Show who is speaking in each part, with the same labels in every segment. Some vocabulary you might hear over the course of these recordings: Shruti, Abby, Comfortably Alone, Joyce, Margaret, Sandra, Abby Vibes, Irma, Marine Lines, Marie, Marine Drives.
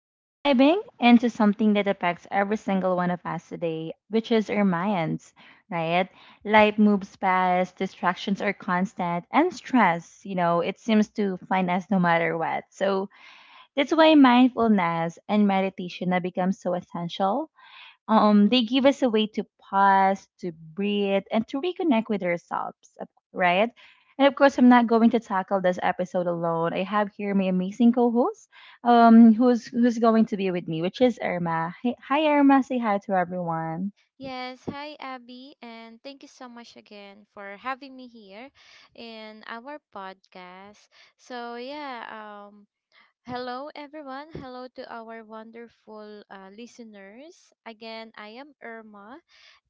Speaker 1: We're diving into something that affects every single one of us today, which is our minds, right? Life moves fast, distractions are constant, and stress, it seems to find us no matter what. So that's why mindfulness and meditation have become so essential. They give us a way to pause, to breathe, and to reconnect with ourselves, right? And of course, I'm not going to tackle this episode alone. I have here my amazing co-host, who's going to be with me, which is Irma. Hi, hi Irma. Say hi to everyone.
Speaker 2: Yes, hi Abby, and thank you so much again for having me here in our podcast. So yeah, hello, everyone. Hello to our wonderful listeners. Again, I am Irma,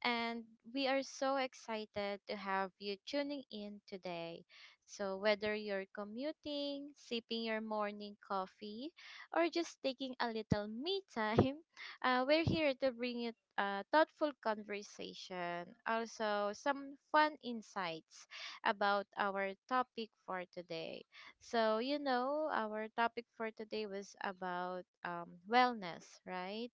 Speaker 2: and we are so excited to have you tuning in today. So, whether you're commuting, sipping your morning coffee, or just taking a little me time, we're here to bring you a thoughtful conversation, also some fun insights about our topic for today. So, you know, our topic for today was about wellness, right,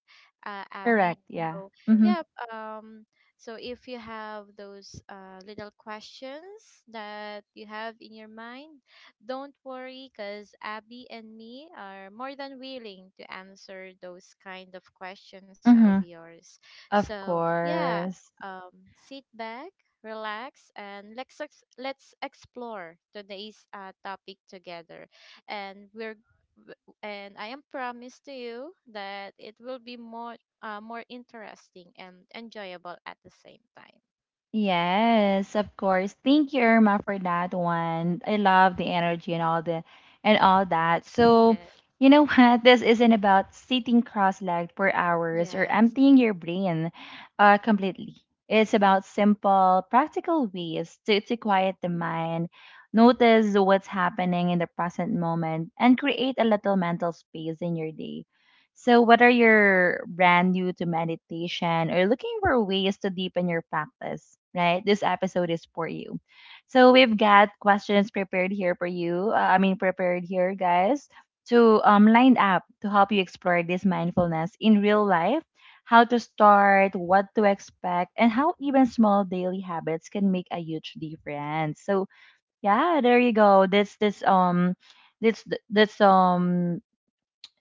Speaker 2: Abby?
Speaker 1: Correct. Yeah.
Speaker 2: So,
Speaker 1: Mm-hmm.
Speaker 2: yeah. Um, so, if you have those little questions that you have in your mind, don't worry because Abby and me are more than willing to answer those kind of questions of
Speaker 1: Mm-hmm.
Speaker 2: yours.
Speaker 1: Of
Speaker 2: So, yeah,
Speaker 1: course.
Speaker 2: sit back, relax, and let's explore today's topic together. And we're and I am promised to you that it will be more more interesting and enjoyable at the same time.
Speaker 1: Yes, of course. Thank you, Irma, for that one. I love the energy and all the and all that. So,
Speaker 2: Yeah.
Speaker 1: you know what? This isn't about sitting cross-legged for hours or
Speaker 2: Yes.
Speaker 1: emptying your brain completely. It's about simple, practical ways to quiet the mind, notice what's happening in the present moment, and create a little mental space in your day. So, what are your brand new to meditation or looking for ways to deepen your practice, right? This episode is for you. So, we've got questions prepared here for you. I mean, prepared here, guys, to line up to help you explore this mindfulness in real life, how to start, what to expect, and how even small daily habits can make a huge difference. So, yeah, there you go. That's th- that's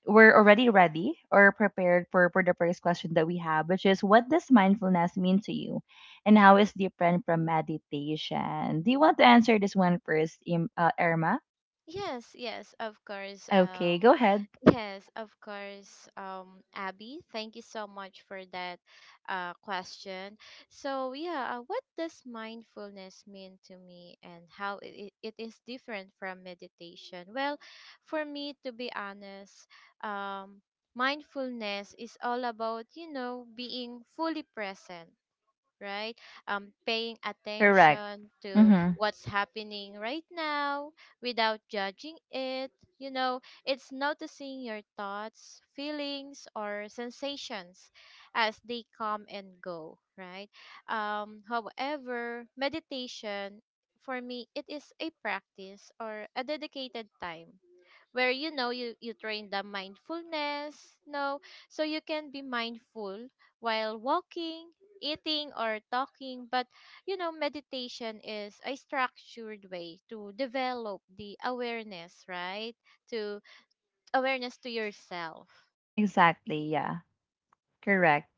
Speaker 1: we're already ready or prepared for the first question that we have, which is, what does mindfulness mean to you and how is different from meditation? Do you want to answer this one first, Irma?
Speaker 2: Yes, yes, of course.
Speaker 1: Okay, go ahead.
Speaker 2: Yes, of course, Abby. Thank you so much for that question. So, yeah, what does mindfulness mean to me and how it is different from meditation? Well, for me, to be honest, um, mindfulness is all about, you know, being fully present, right? Paying
Speaker 1: Correct.
Speaker 2: attention to
Speaker 1: Mm-hmm.
Speaker 2: what's happening right now without judging it. You know, it's noticing your thoughts, feelings, or sensations as they come and go, right? However, meditation for me, it is a practice or a dedicated time where, you know, you train the mindfulness, no, so you can be mindful while walking, eating, or talking. But, you know, meditation is a structured way to develop the awareness, right? To awareness to yourself.
Speaker 1: Exactly. Yeah. Correct.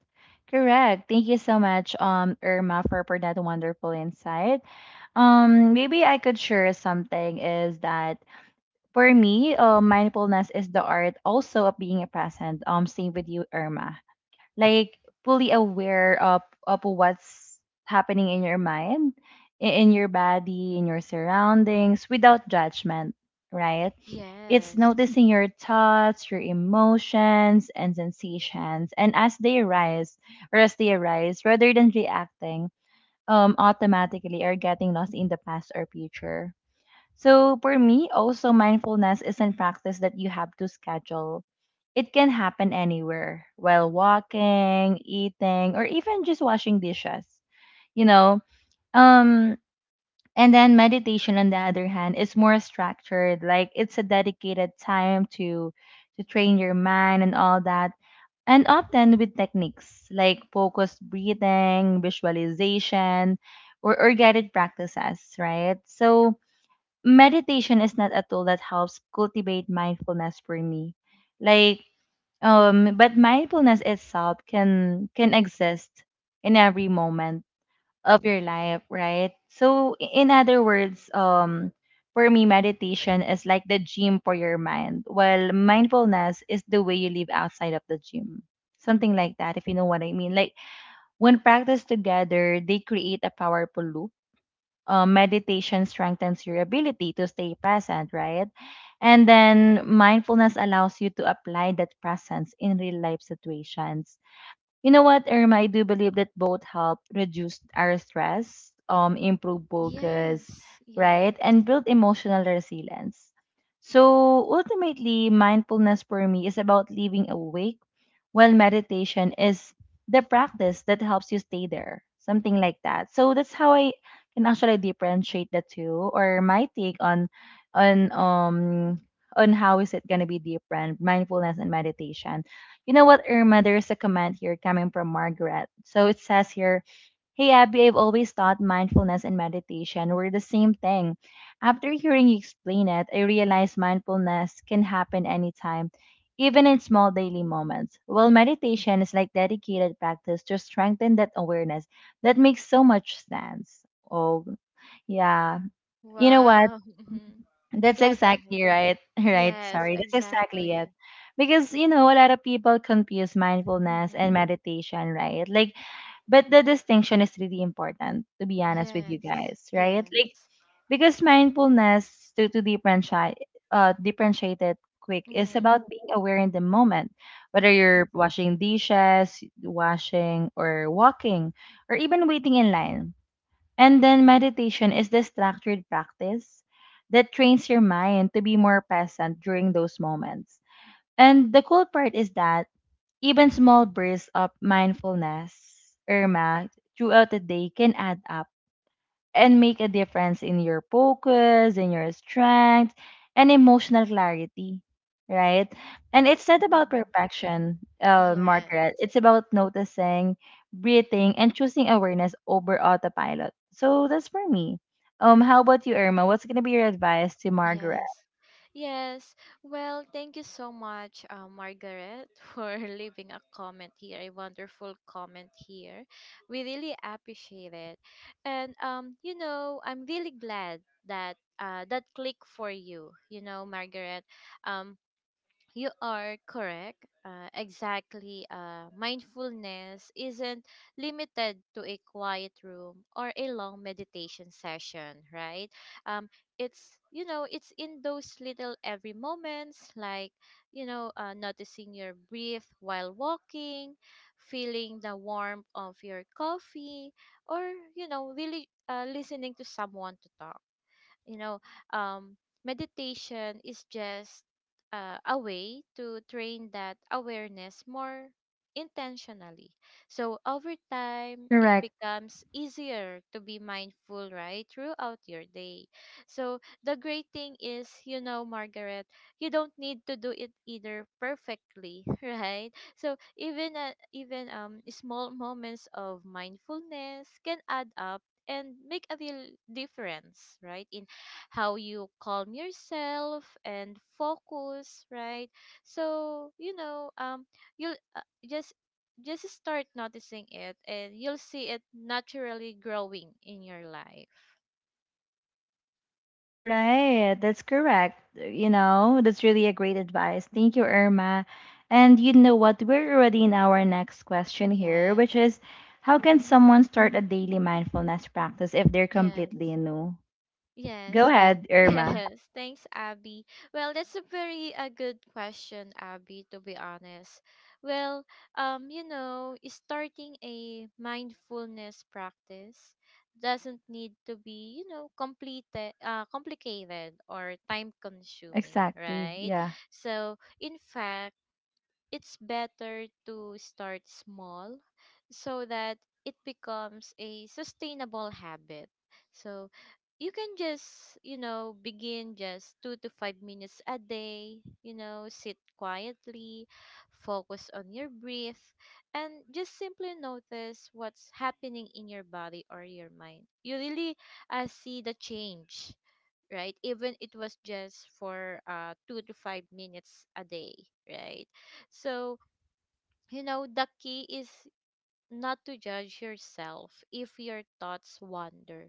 Speaker 1: Correct. Thank you so much, Irma, for that wonderful insight. Maybe I could share something is that for me, mindfulness is the art also of being present. Same with you, Irma. Like fully aware of what's happening in your mind, in your body, in your surroundings without judgment, right? It's
Speaker 2: Yes,
Speaker 1: noticing your thoughts, your emotions and sensations and as they arise, rather than reacting automatically or getting lost in the past or future. So for me, also mindfulness isn't practice that you have to schedule. It can happen anywhere, while walking, eating, or even just washing dishes, you know. Um and then meditation on the other hand is more structured, like it's a dedicated time to train your mind and all that. And often with techniques like focused breathing, visualization, or guided practices, right? So meditation is not a tool that helps cultivate mindfulness for me, like, but mindfulness itself can exist in every moment of your life, right? So in other words, for me meditation is like the gym for your mind, while mindfulness is the way you live outside of the gym, something like that, if you know what I mean. Like when practiced together they create a powerful loop. Meditation strengthens your ability to stay present, right? And then mindfulness allows you to apply that presence in real life situations. You know what, Irma? I do believe that both help reduce our stress, improve focus,
Speaker 2: yes,
Speaker 1: right,
Speaker 2: yes.
Speaker 1: and build emotional resilience. So ultimately, mindfulness for me is about living awake, while meditation is the practice that helps you stay there, something like that. So that's how I can actually differentiate the two, or my take on um, on how is it gonna be different, mindfulness and meditation. You know what, Irma? There's a comment here coming from Margaret. So it says here, "Hey Abby, I've always thought mindfulness and meditation were the same thing. After hearing you explain it, I realized mindfulness can happen anytime, even in small daily moments, while meditation is like dedicated practice to strengthen that awareness. That makes so much sense." Oh, yeah. You know what?
Speaker 2: Wow. Mhm.
Speaker 1: That's
Speaker 2: Yeah, go ahead.
Speaker 1: exactly right. Right.
Speaker 2: Yes,
Speaker 1: Sorry. That's exactly it.
Speaker 2: exactly.
Speaker 1: Because, you know, a lot of people confuse mindfulness and
Speaker 2: Hmm.
Speaker 1: meditation, right? Like, but the distinction is really important, to be honest with you
Speaker 2: Yes,
Speaker 1: guys, right? Like,
Speaker 2: yes.
Speaker 1: because mindfulness, to differentiate, differentiate it quick, is
Speaker 2: Hmm.
Speaker 1: about being aware in the moment, whether
Speaker 2: Yes.
Speaker 1: you're washing dishes, washing, or walking, or even waiting in line. And then meditation is the structured practice that trains your mind to be more present during those moments. And the cool part is that even small bursts of mindfulness, Irma, throughout the day can add up and make a difference in your focus, in your strength, and emotional clarity, right? And it's not about
Speaker 2: Mm-hmm.
Speaker 1: perfection, Margaret.
Speaker 2: Yes,
Speaker 1: It's about noticing, breathing, and choosing awareness over autopilot. So that's for me. How about you, Irma? What's gonna be your advice to Margaret?
Speaker 2: yes, yes. Well, thank you so much, Margaret, for leaving a comment here, a wonderful comment here. We really appreciate it, and you know, I'm really glad that uh, that click for you. You know, Margaret, um, you are correct. Exactly. Mindfulness isn't limited to a quiet room or a long meditation session, right? Um, it's, you know, it's in those little every moments, like, you know, noticing your breath while walking, feeling the warmth of your coffee, or, you know, really listening to someone to talk, you know. um meditation is just a way to train that awareness more intentionally, so over time it
Speaker 1: Correct.
Speaker 2: becomes easier to be mindful right throughout your day. So the great thing is, you know, Margaret, you don't need to do it either perfectly. Right, so even small moments of mindfulness can add up and make a real difference, right, in how you calm yourself and focus, right? So, you know, you'll just just start noticing it and you'll see it naturally growing in your life.
Speaker 1: Right, that's correct. You know, that's really a great advice. Thank you, Irma. And you know what? We're already in our next question here,
Speaker 2: Yes.
Speaker 1: which is, how can
Speaker 2: Mm,
Speaker 1: someone start a daily mindfulness practice if they're completely
Speaker 2: yes.
Speaker 1: new? Go
Speaker 2: Yes.
Speaker 1: ahead, Irma.
Speaker 2: Yes. Thanks, Abby. Well, that's a very a good question, Abby, to be honest. Well, you know, starting a mindfulness practice doesn't need to be, you know, completed complicated or time consuming,
Speaker 1: Exactly.
Speaker 2: right?
Speaker 1: Yeah.
Speaker 2: So, in fact, it's better to start small so that it becomes a sustainable habit. So you can just, you know, begin just 2 to 5 minutes a day, you know, sit quietly, focus on your breath, and just simply notice what's happening in your body or your mind. You really see the change, right? Even it was just for 2 to 5 minutes a day, right? So, you know, the key is not to judge yourself if your thoughts wander.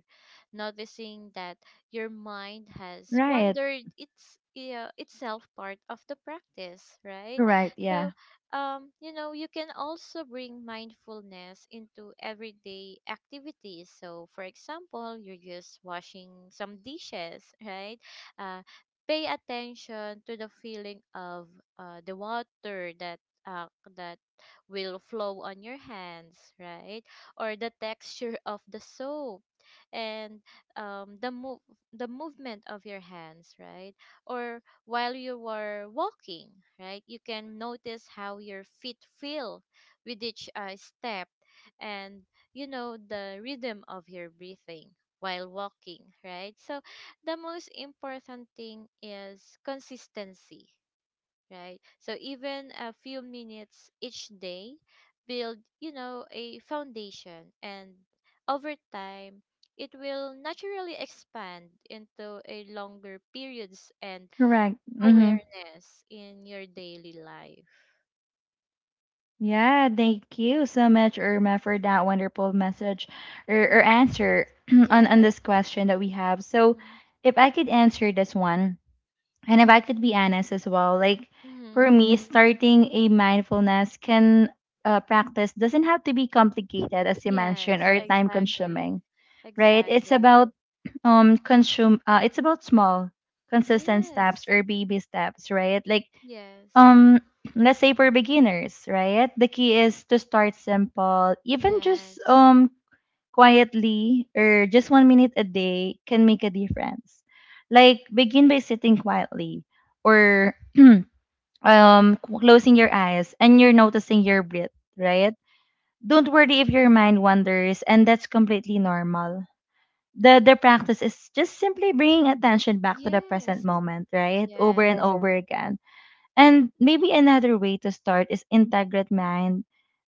Speaker 2: Noticing that your mind has
Speaker 1: Right.
Speaker 2: wandered, its yeah, itself part of the practice, right?
Speaker 1: Correct. Yeah.
Speaker 2: So, you know, you can also bring mindfulness into everyday activities. So, for example, you're just washing some dishes, right? Uh, pay attention to the feeling of uh, the water that uh, that will flow on your hands, right? Or the texture of the soap and um, the move the movement of your hands, right? Or while you were walking, right? You can notice how your feet feel with each step, and, you know, the rhythm of your breathing while walking, right? So the most important thing is consistency, right? So even a few minutes each day build, you know, a foundation, and over time it will naturally expand into a longer periods and
Speaker 1: Correct. Mm-hmm.
Speaker 2: awareness in your daily life.
Speaker 1: Yeah, thank you so much, Irma, for that wonderful message
Speaker 2: Yeah.
Speaker 1: or answer on
Speaker 2: Yes.
Speaker 1: this question that we have. So,
Speaker 2: Mm-hmm.
Speaker 1: if I could answer this one, and if I could be honest as well, like for
Speaker 2: Hmm.
Speaker 1: me, starting a mindfulness can, practice doesn't have to be complicated, as you mentioned,
Speaker 2: Yes,
Speaker 1: or time
Speaker 2: exactly.
Speaker 1: consuming, right? It's
Speaker 2: Exactly.
Speaker 1: about consume. It's about small, consistent steps
Speaker 2: Yes.
Speaker 1: or baby steps, right? Like
Speaker 2: Yes.
Speaker 1: um, let's say for beginners, right? The key is to start simple, even just
Speaker 2: Yes.
Speaker 1: quietly or just 1 minute a day can make a difference. Like begin by sitting quietly or closing your eyes and you're noticing your breath, right? Don't worry if your mind wanders, and that's completely normal. The practice is just simply bringing attention back to the present
Speaker 2: Yes.
Speaker 1: moment, right? Over
Speaker 2: Yes.
Speaker 1: and Mm-hmm. over again. And maybe another way to start is integrate mind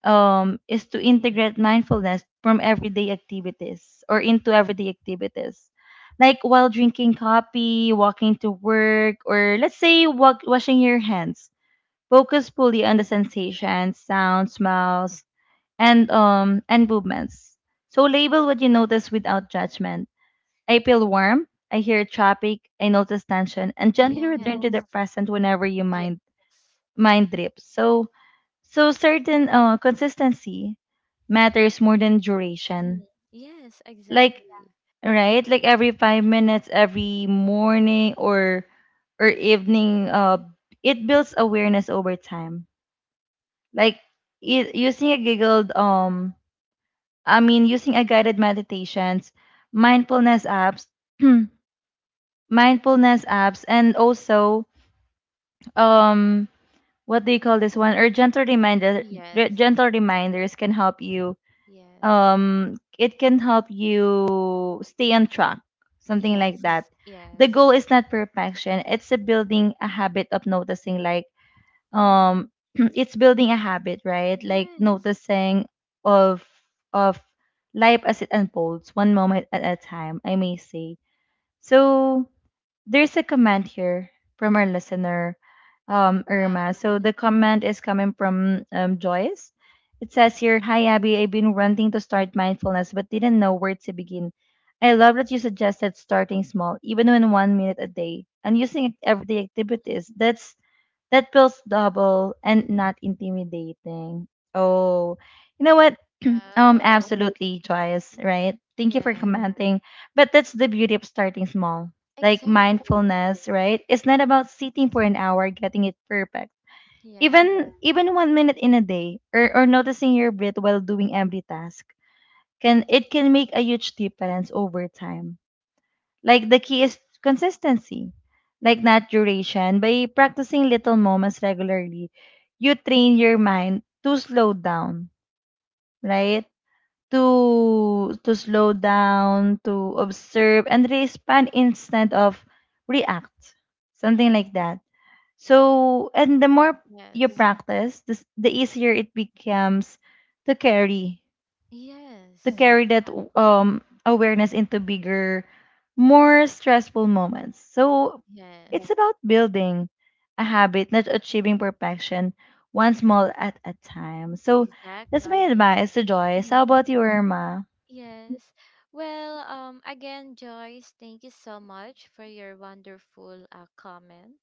Speaker 1: is to integrate mindfulness from everyday activities or into everyday activities. Like while drinking coffee, walking to work, or let's say walk, washing your hands, focus fully on the sensations, sounds, smells, and movements. So label what you notice without judgment. I feel warm. I hear traffic. I notice tension, and gently return to the
Speaker 2: Yes.
Speaker 1: present whenever your mind
Speaker 2: Yes.
Speaker 1: mind drips. So so certain consistency matters more than duration.
Speaker 2: Mhm. Yes,
Speaker 1: Like
Speaker 2: exactly.
Speaker 1: right, like every 5 minutes, every morning or evening, it builds awareness over time. Like I- using a giggled I mean using a guided meditations, mindfulness apps, mindfulness apps, and also um, what do you call this one? Or gentle reminder,
Speaker 2: Yes,
Speaker 1: gentle reminders can help you,
Speaker 2: yes,
Speaker 1: it can help you stay on track, something like
Speaker 2: yes,
Speaker 1: that. The
Speaker 2: yes.
Speaker 1: goal is not perfection, it's a building a habit of noticing, like
Speaker 2: Mm,
Speaker 1: um it's building a habit, right? Like
Speaker 2: yes.
Speaker 1: noticing of of life as it unfolds one moment at a time, I may say. So there's a comment here from our listener,
Speaker 2: Wow.
Speaker 1: Irma. So
Speaker 2: Mhm,
Speaker 1: the comment is coming from Joyce. It says here, "Hi Abby, I've been wanting to start mindfulness but didn't know where to begin. I love that you suggested starting small, even when 1 minute a day, and using everyday
Speaker 2: mhm.
Speaker 1: activities. That's that feels double and not intimidating." Oh, you know what? Um,
Speaker 2: Wow.
Speaker 1: absolutely, Joyce. Right? Thank you
Speaker 2: Yeah,
Speaker 1: for commenting. But that's the beauty of starting small, like
Speaker 2: exactly.
Speaker 1: mindfulness, right? It's not about sitting for an hour getting it perfect.
Speaker 2: Yes,
Speaker 1: Even even 1 minute in a day or noticing your breath while doing every task can it can make a huge difference over time. Like the key is consistency, like not duration. By practicing little moments regularly, you train your mind to slow down, right? To to slow down, to observe and respond instead of react. Something like that. So, and the more you
Speaker 2: yes,
Speaker 1: practice, the easier it becomes to carry to
Speaker 2: yes,
Speaker 1: carry that
Speaker 2: exactly.
Speaker 1: awareness into bigger, more stressful moments. So, it's
Speaker 2: Yes,
Speaker 1: about building a habit, not achieving perfection one small at a time. So, that's my
Speaker 2: exactly.
Speaker 1: advice to Joyce. How about you, Irma?
Speaker 2: Yes. Well, again, Joyce, thank you so much for your wonderful comment.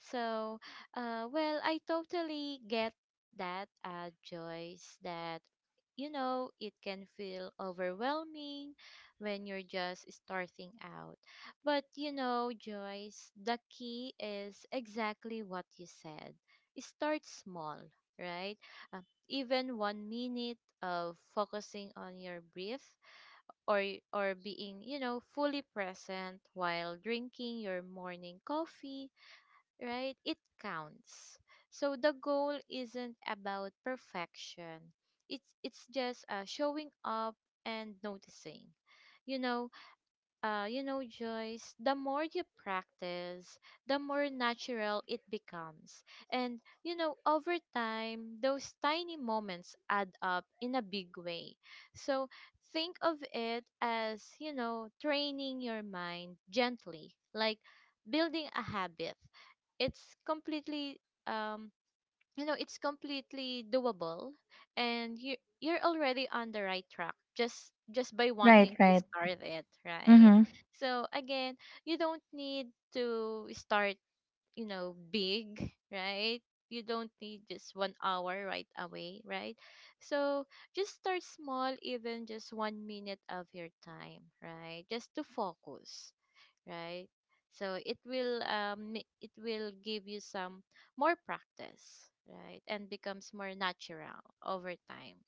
Speaker 2: So, well, I totally get that, Joyce, that, you know, it can feel overwhelming when you're just starting out. But, you know, Joyce, the key is exactly what you said. Start small, right? Uh, even 1 minute of focusing on your breath or or being, you know, fully present while drinking your morning coffee, right, it counts. So the goal isn't about perfection, it's just showing up and noticing, you know. Uh, you know, Joyce, the more you practice, the more natural it becomes. And, you know, over time, those tiny moments add up in a big way. So think of it as, you know, training your mind gently, like building a habit. It's completely um, you know, it's completely doable, and you you're already on the right track just by
Speaker 1: Right,
Speaker 2: wanting to
Speaker 1: right.
Speaker 2: start it, right?
Speaker 1: Mm-hmm.
Speaker 2: So again, you don't need to start, you know, big, right? You don't need just 1 hour right away, right? So just start small, even just 1 minute of your time, right, just to focus, right? So it will it will give you some more practice, right, and becomes more natural over time,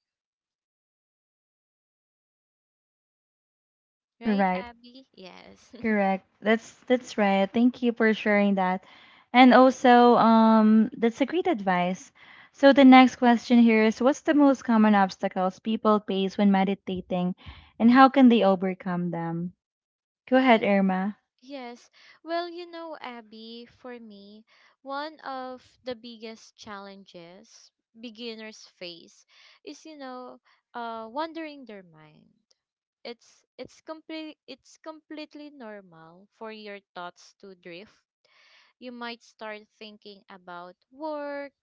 Speaker 2: right,
Speaker 1: Correct.
Speaker 2: Abby? Yes.
Speaker 1: Correct. That's right. Thank you for sharing that. And also, that's a great advice. So the next question here is, what's the most common obstacles people face when meditating and how can they overcome them? Go ahead,
Speaker 2: Yes.
Speaker 1: Irma.
Speaker 2: Yes. Well, you know, Abby, for me, one of the biggest challenges beginners face is, you know, wandering their mind. It's complete it's completely normal for your thoughts to drift. You might start thinking about work,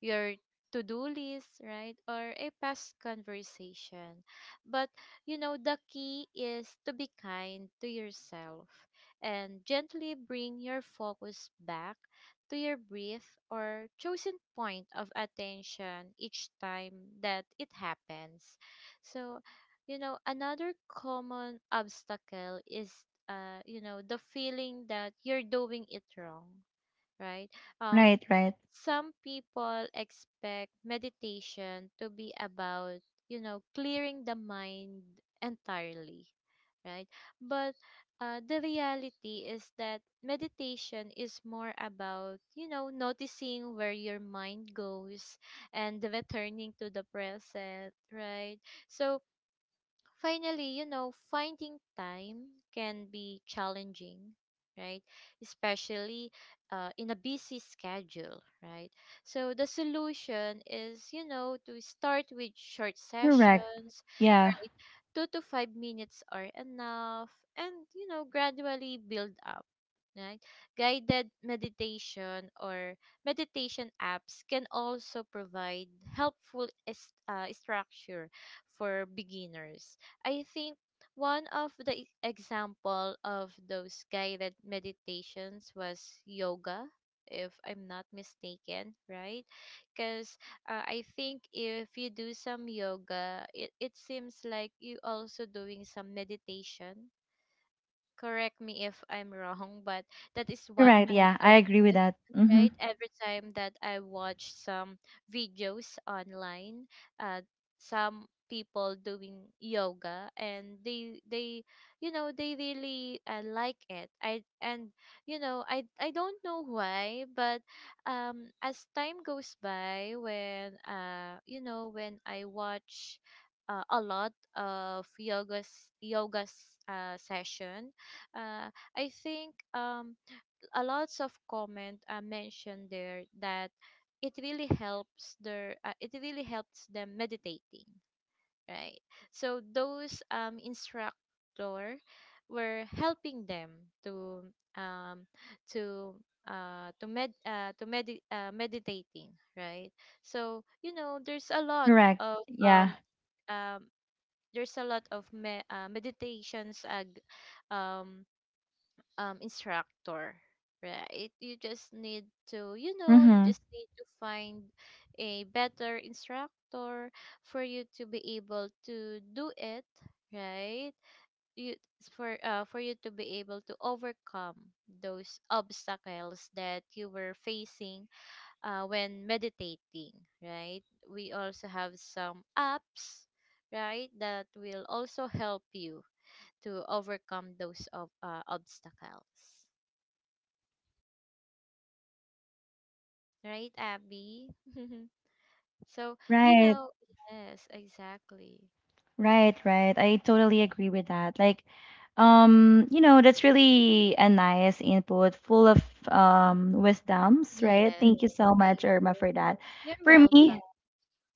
Speaker 2: your to do list, right? Or a past conversation. But, you know, the key is to be kind to yourself and gently bring your focus back to your brief or chosen point of attention each time that it happens. So, you know, another common obstacle is, you know, the feeling that you're doing it wrong, right? Um,
Speaker 1: Right, right.
Speaker 2: some people expect meditation to be about, you know, clearing the mind entirely, right? But the reality is that meditation is more about, you know, noticing where your mind goes and returning to the present, right? So, finally, you know, finding time can be challenging, right? Especially in a busy schedule, right? So the solution is, you know, to start with short
Speaker 1: Correct.
Speaker 2: sessions,
Speaker 1: Yeah.
Speaker 2: right? 2 to 5 minutes are enough, and, you know, gradually build up. Right? Guided meditation or meditation apps can also provide helpful structure for beginners. I think one of the example of those guided meditations was yoga, if I'm not mistaken, right? Because I think if you do some yoga, it seems like you also doing some meditation. Correct me if I'm wrong, but that is what
Speaker 1: Correct.
Speaker 2: I
Speaker 1: Yeah. I agree with
Speaker 2: noticed,
Speaker 1: that. Mm-hmm.
Speaker 2: right? Every time that I watch some videos online, uh, some people doing yoga and they you know they really like it, I and you know i don't know why, but as time goes by when you know when I watch a lot of yoga's yoga's session. Uh, I think a lots of comment mentioned there that it really helps their it really helps them meditating, right? So those instructor were helping them to um, to to med to medi meditating, right? So, you know, there's a lot
Speaker 1: Correct.
Speaker 2: of
Speaker 1: Yeah.
Speaker 2: um, there's a lot of meditations um, instructor, right? You just need to, you know, you
Speaker 1: Mm-hmm.
Speaker 2: just need to find a better instructor for you to be able to do it, right? You for you to be able to overcome those obstacles that you were facing when meditating, right? We also have some apps, right, that will also help you to overcome those of obstacles. Right, Abby? So, you
Speaker 1: Right.
Speaker 2: know, yes, exactly.
Speaker 1: Right, right. I totally agree with that. Like, you know, that's really a nice input, full of wisdoms, right?
Speaker 2: Yes.
Speaker 1: Thank you so much,
Speaker 2: Thank
Speaker 1: Irma,
Speaker 2: you.
Speaker 1: for that.
Speaker 2: You're
Speaker 1: For
Speaker 2: welcome.
Speaker 1: me,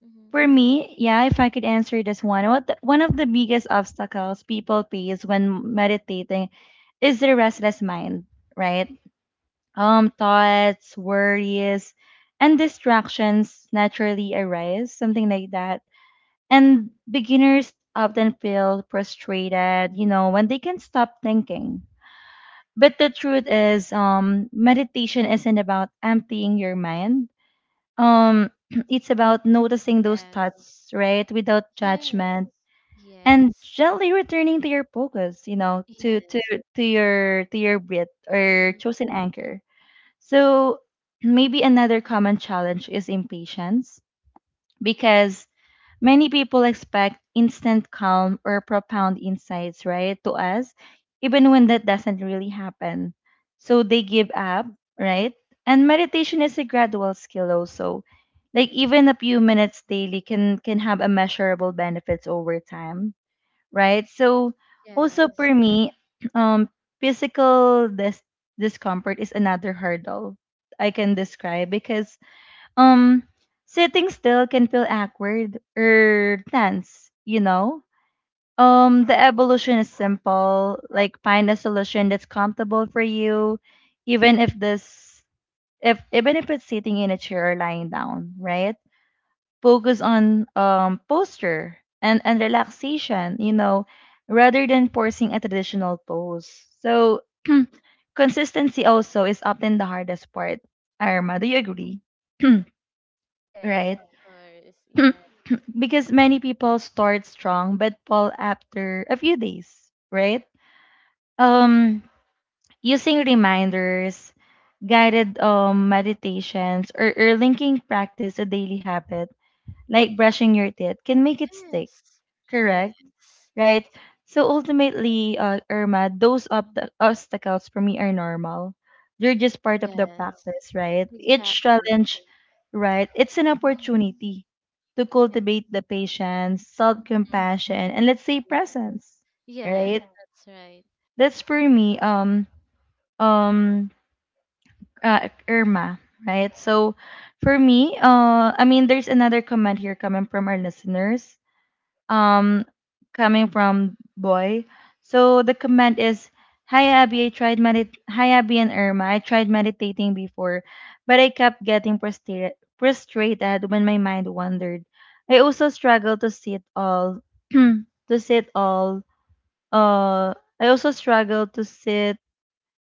Speaker 2: Hmm.
Speaker 1: for me, yeah, if I could answer this one, one of the biggest obstacles people face when meditating is their restless mind, right? Thoughts, worries, and distractions naturally arise, something like that, and beginners often feel frustrated, you know, when they can stop thinking. But the truth is, meditation isn't about emptying your mind. Um, it's about noticing those
Speaker 2: Yes.
Speaker 1: thoughts, right, without
Speaker 2: Yes.
Speaker 1: judgment, and
Speaker 2: Yes.
Speaker 1: gently returning to your focus, you know, to to
Speaker 2: Yes.
Speaker 1: to your to your breath or
Speaker 2: Mhm.
Speaker 1: chosen anchor. So maybe another common challenge is impatience, because many people expect instant calm or profound insights, right, to us, even when that doesn't really happen. So they give up, right? And meditation is a gradual skill also. Like, even a few minutes daily can have a measurable benefits over time, right? So also
Speaker 2: Yes.
Speaker 1: for me, um physical dis- discomfort is another hurdle I can describe because, um, sitting still can feel awkward or tense, you know? The evolution is simple. Like, find a solution that's comfortable for you, even if this if even if it's sitting in a chair or lying down, right? Focus on posture and, relaxation, you know, rather than forcing a traditional pose. So consistency also is often the hardest part. Irma, do you agree?
Speaker 2: Yes,
Speaker 1: Right?
Speaker 2: of course. Yeah.
Speaker 1: Because many people start strong but fall after a few days, right? Um, Using reminders, guided meditations, or, linking practice a daily habit like brushing your teeth can make it stick,
Speaker 2: Yes.
Speaker 1: correct?
Speaker 2: Yes.
Speaker 1: Right? So ultimately, Irma, those obstacles for me are normal. They're just part of the
Speaker 2: Yes.
Speaker 1: practice, right? Each
Speaker 2: Exactly.
Speaker 1: challenge, right? It's an
Speaker 2: Yes.
Speaker 1: opportunity to
Speaker 2: Yes.
Speaker 1: cultivate the patience,
Speaker 2: Mm,
Speaker 1: self-compassion, and let's say
Speaker 2: yes.
Speaker 1: presence,
Speaker 2: Yes,
Speaker 1: right?
Speaker 2: that's right.
Speaker 1: That's for me, um, Irma, right? So for me, I mean, there's another comment here coming from our listeners, um coming from boy. So the comment is, Hi Abby and Irma, I tried meditating before, but I kept getting frustrated when my mind wandered. I also struggle to sit all to sit all I also struggle to sit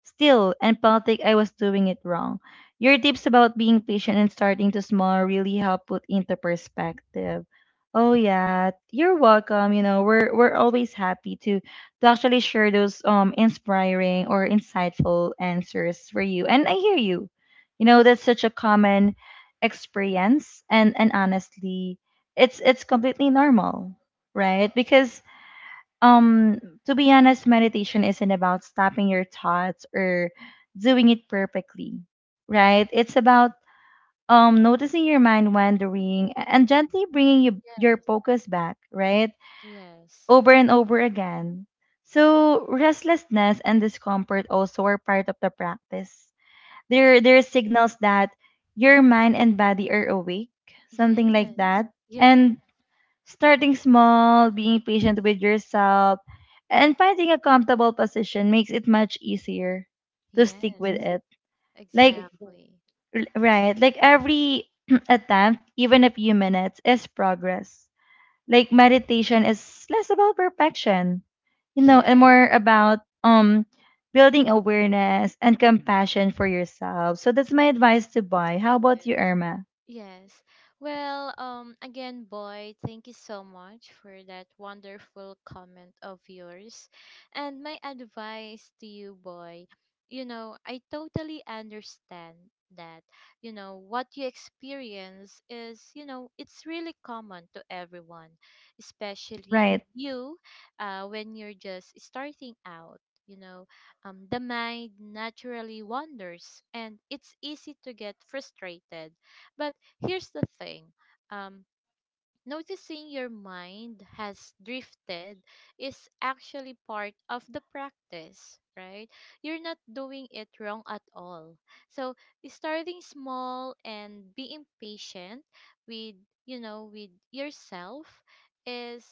Speaker 1: still, empathic I was doing it wrong. Your tips about being patient and starting to small really help put into perspective. Oh yeah, you're welcome. You know, we're always happy to actually share those inspiring or insightful answers for you. And I hear you. You know, that's such a common experience, and honestly, it's completely normal, right? Because um to be honest, meditation isn't about stopping your thoughts or doing it perfectly, right? It's about noticing your mind wandering and gently bringing your
Speaker 2: Yes.
Speaker 1: focus back, right,
Speaker 2: Yes.
Speaker 1: over and over again. So restlessness and discomfort also are part of the practice. There are signals that your mind and body are awake, something like
Speaker 2: Yes.
Speaker 1: that.
Speaker 2: Yes.
Speaker 1: And starting small, being patient with yourself, and finding a comfortable position makes it much easier to stick with
Speaker 2: Yes,
Speaker 1: it. Like,
Speaker 2: exactly.
Speaker 1: right, like every attempt, even a few minutes, is progress. Like, meditation is less about perfection, you know,
Speaker 2: Yeah,
Speaker 1: and more about building awareness and compassion for yourself. So that's my advice to buy. How about
Speaker 2: yes.
Speaker 1: you, Irma?
Speaker 2: Yes. Well, again, boy, thank you so much for that wonderful comment of yours. And my advice to you, boy, you know, I totally understand that, you know, what you experience is, you know, it's really common to everyone, especially
Speaker 1: Right,
Speaker 2: you, when you're just starting out. You know, the mind naturally wanders and it's easy to get frustrated. But here's the thing, um, noticing your mind has drifted is actually part of the practice, right? You're not doing it wrong at all. So, starting small and being patient with, you know, with yourself is,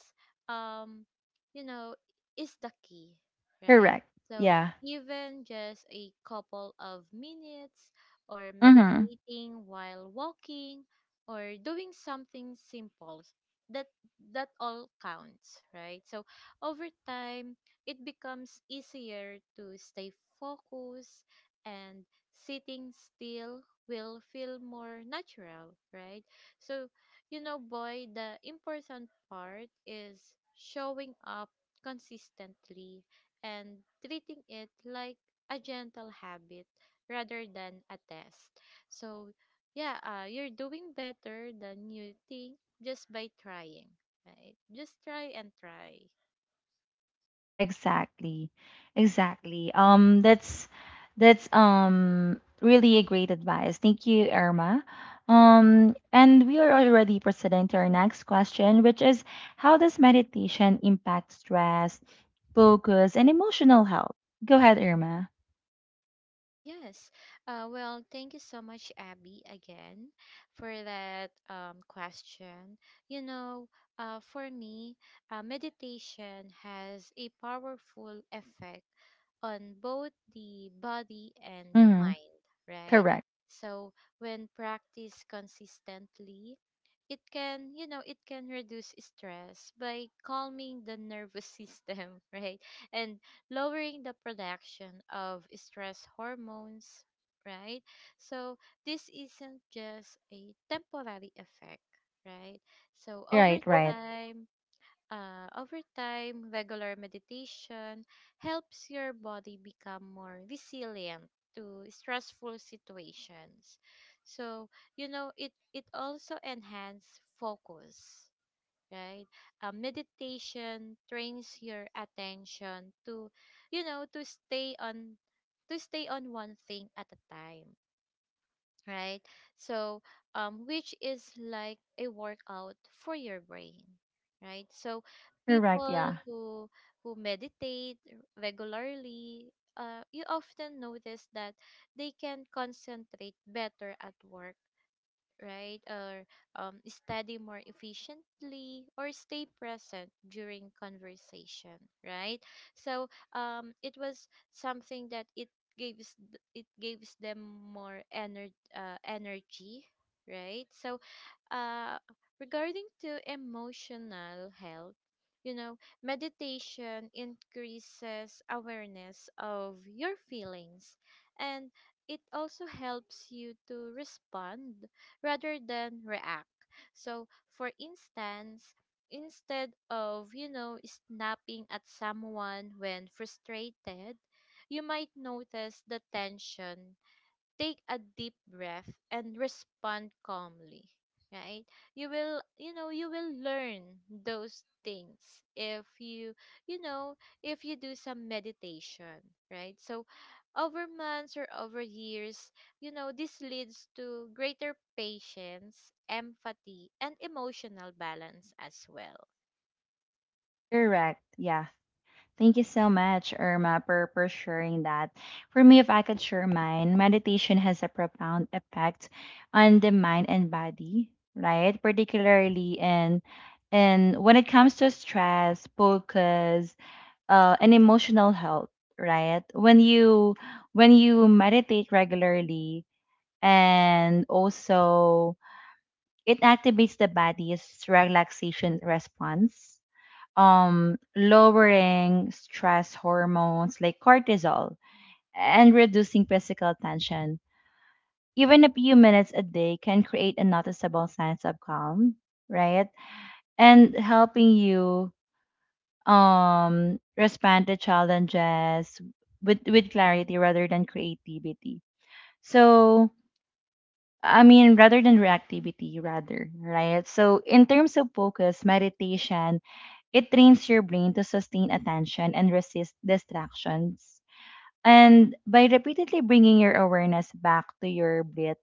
Speaker 2: um, you know, is the key, right?
Speaker 1: correct.
Speaker 2: So,
Speaker 1: Yeah.
Speaker 2: even just a couple of minutes or
Speaker 1: Mm-hmm.
Speaker 2: meditating while walking or doing something simple that that all counts, right? So over time it becomes easier to stay focused and sitting still will feel more natural, right? So, you know, boy, the important part is showing up consistently and treating it like a gentle habit rather than a test. So yeah, you're doing better than you think just by trying, right? Just try and try.
Speaker 1: Exactly. Exactly. That's really a great advice. Thank you, Irma. And we are already proceeding to our next question, which is, how does meditation impact stress, focus, and emotional health? Go ahead, Irma.
Speaker 2: Yes. Well, thank you so much, Abby, again for that question. You know, for me, meditation has a powerful effect on both the body and
Speaker 1: Mm-hmm.
Speaker 2: mind, right?
Speaker 1: Correct.
Speaker 2: So when practiced consistently, it can, you know, it can reduce stress by calming the nervous system, right? And lowering the production of stress hormones, right? So this isn't just a temporary effect, right? So
Speaker 1: Right, right.
Speaker 2: time, over time, regular meditation helps your body become more resilient to stressful situations. So, you know, it also enhances focus, right? Meditation trains your attention to, you know, to stay on one thing at a time, right? So, which is like a workout for your brain, right? So,
Speaker 1: Correct,
Speaker 2: people
Speaker 1: yeah.
Speaker 2: who meditate regularly, you often notice that they can concentrate better at work, right? Or study more efficiently or stay present during conversation, right? So it was something that it gives it gives them more energy, right? So uh, regarding to emotional health, you know, meditation increases awareness of your feelings and it also helps you to respond rather than react. So, for instance, instead of, you know, snapping at someone when frustrated, you might notice the tension, take a deep breath and respond calmly, right? You know, you will learn those things if you, you know, if you do some meditation, right? So over months or over years, you know, this leads to greater patience, empathy and emotional balance as well.
Speaker 1: Correct. Yeah. Thank you so much, Irma, for, sharing that. For me, if I could share mine, meditation has a profound effect on the mind and body, right? Particularly in and when it comes to stress, focus, and emotional health, right? When you meditate regularly, and also it activates the body's relaxation response, lowering stress hormones like cortisol and reducing physical tension. Even a few minutes a day can create a noticeable sense of calm, right? And helping you respond to challenges with, clarity rather than creativity. So, I mean, rather than reactivity, rather, right? So, in terms of focus, meditation, it trains your brain to sustain attention and resist distractions. And by repeatedly bringing your awareness back to your breath,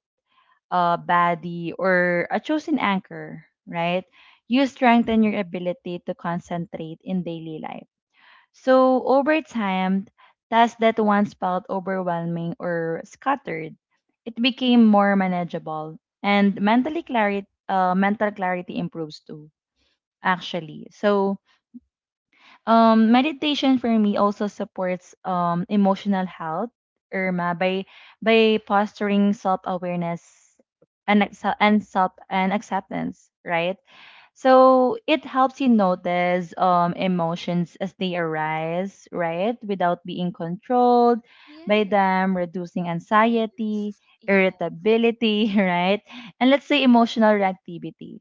Speaker 1: body, or a chosen anchor, right, you strengthen your ability to concentrate in daily life. So, over time, tasks that once felt overwhelming or scattered, it became more manageable, and mental clarity improves too, actually. So, meditation for me also supports emotional health, Irma, by fostering self awareness and acce- and self and acceptance, right? So it helps you notice emotions as they arise, right? Without being controlled by
Speaker 2: Yes,
Speaker 1: them, reducing anxiety,
Speaker 2: yes, yes,
Speaker 1: irritability, right? And let's say emotional reactivity.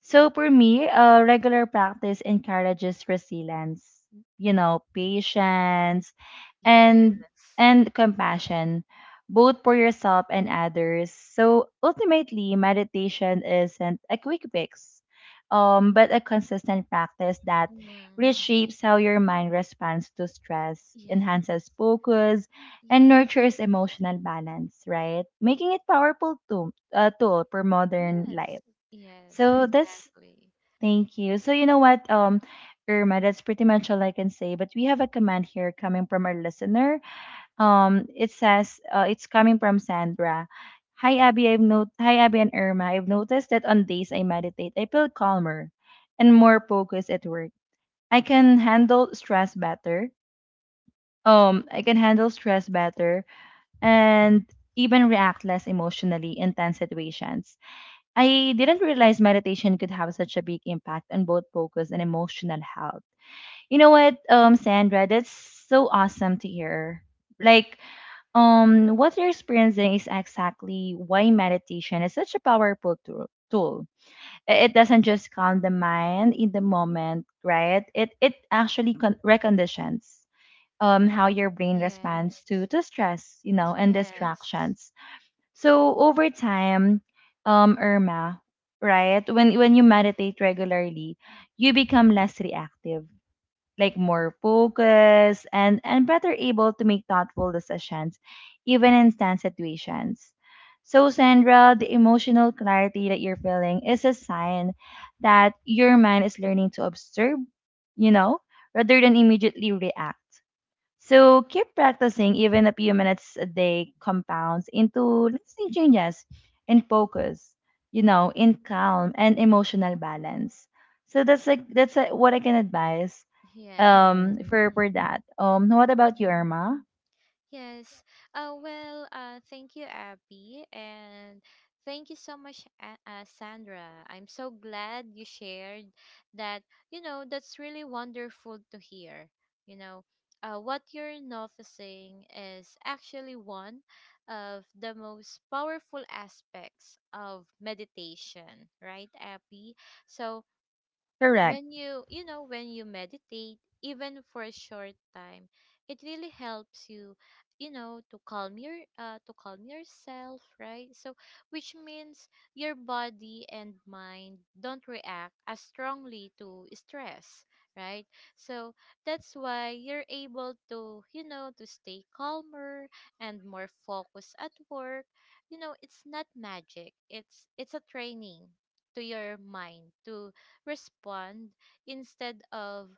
Speaker 1: So for me, regular practice encourages resilience, you know, patience,
Speaker 2: yes,
Speaker 1: and
Speaker 2: yes.
Speaker 1: and compassion, both for yourself and others. So ultimately, meditation isn't a quick fix, but a consistent practice that
Speaker 2: Mm,
Speaker 1: reshapes how your mind responds to stress,
Speaker 2: yes,
Speaker 1: enhances focus, and
Speaker 2: yes.
Speaker 1: nurtures emotional balance. Right, making it powerful tool, tool for modern
Speaker 2: Yes.
Speaker 1: life.
Speaker 2: Yes,
Speaker 1: So that's
Speaker 2: exactly.
Speaker 1: Thank you. So you know what, Irma, that's pretty much all I can say. But we have a comment here coming from our listener. It says, it's coming from Sandra. Hi Abby, I've not Hi Abby and Irma. I've noticed that on days I meditate, I feel calmer and more focused at work. I can handle stress better. I can handle stress better, and even react less emotionally in tense situations. I didn't realize meditation could have such a big impact on both focus and emotional health. You know what, Sandra, that's so awesome to hear. Like, what you're experiencing is exactly why meditation is such a powerful tool. Tool. It doesn't just calm the mind in the moment, right? It actually reconditions how your brain responds
Speaker 2: Yes.
Speaker 1: to stress, you know, and
Speaker 2: Yes.
Speaker 1: distractions. So over time, Irma, right? When you meditate regularly, you become less reactive, like more focused and better able to make thoughtful decisions, even in tense situations. So Sandra, the emotional clarity that you're feeling is a sign that your mind is learning to observe, you know, rather than immediately react. So keep practicing, even a few minutes a day compounds into lasting changes in focus, you know, in calm and emotional balance. So that's like what I can advise
Speaker 2: Yes.
Speaker 1: for that. What about you,
Speaker 2: Mhm.
Speaker 1: Irma?
Speaker 2: Yes. Well, thank you, Abby. And thank you so much, Sandra. I'm so glad you shared that. You know, that's really wonderful to hear. You know, what you're noticing is actually one of the most powerful aspects of meditation, right, Abby? So,
Speaker 1: Correct,
Speaker 2: when you know, when you meditate even for a short time, it really helps you, you know, to calm your to calm yourself, right? So which means your body and mind don't react as strongly to stress, right? So that's why you're able to, you know, to stay calmer and more focused at work. You know, it's not magic, it's a training to your mind to respond instead of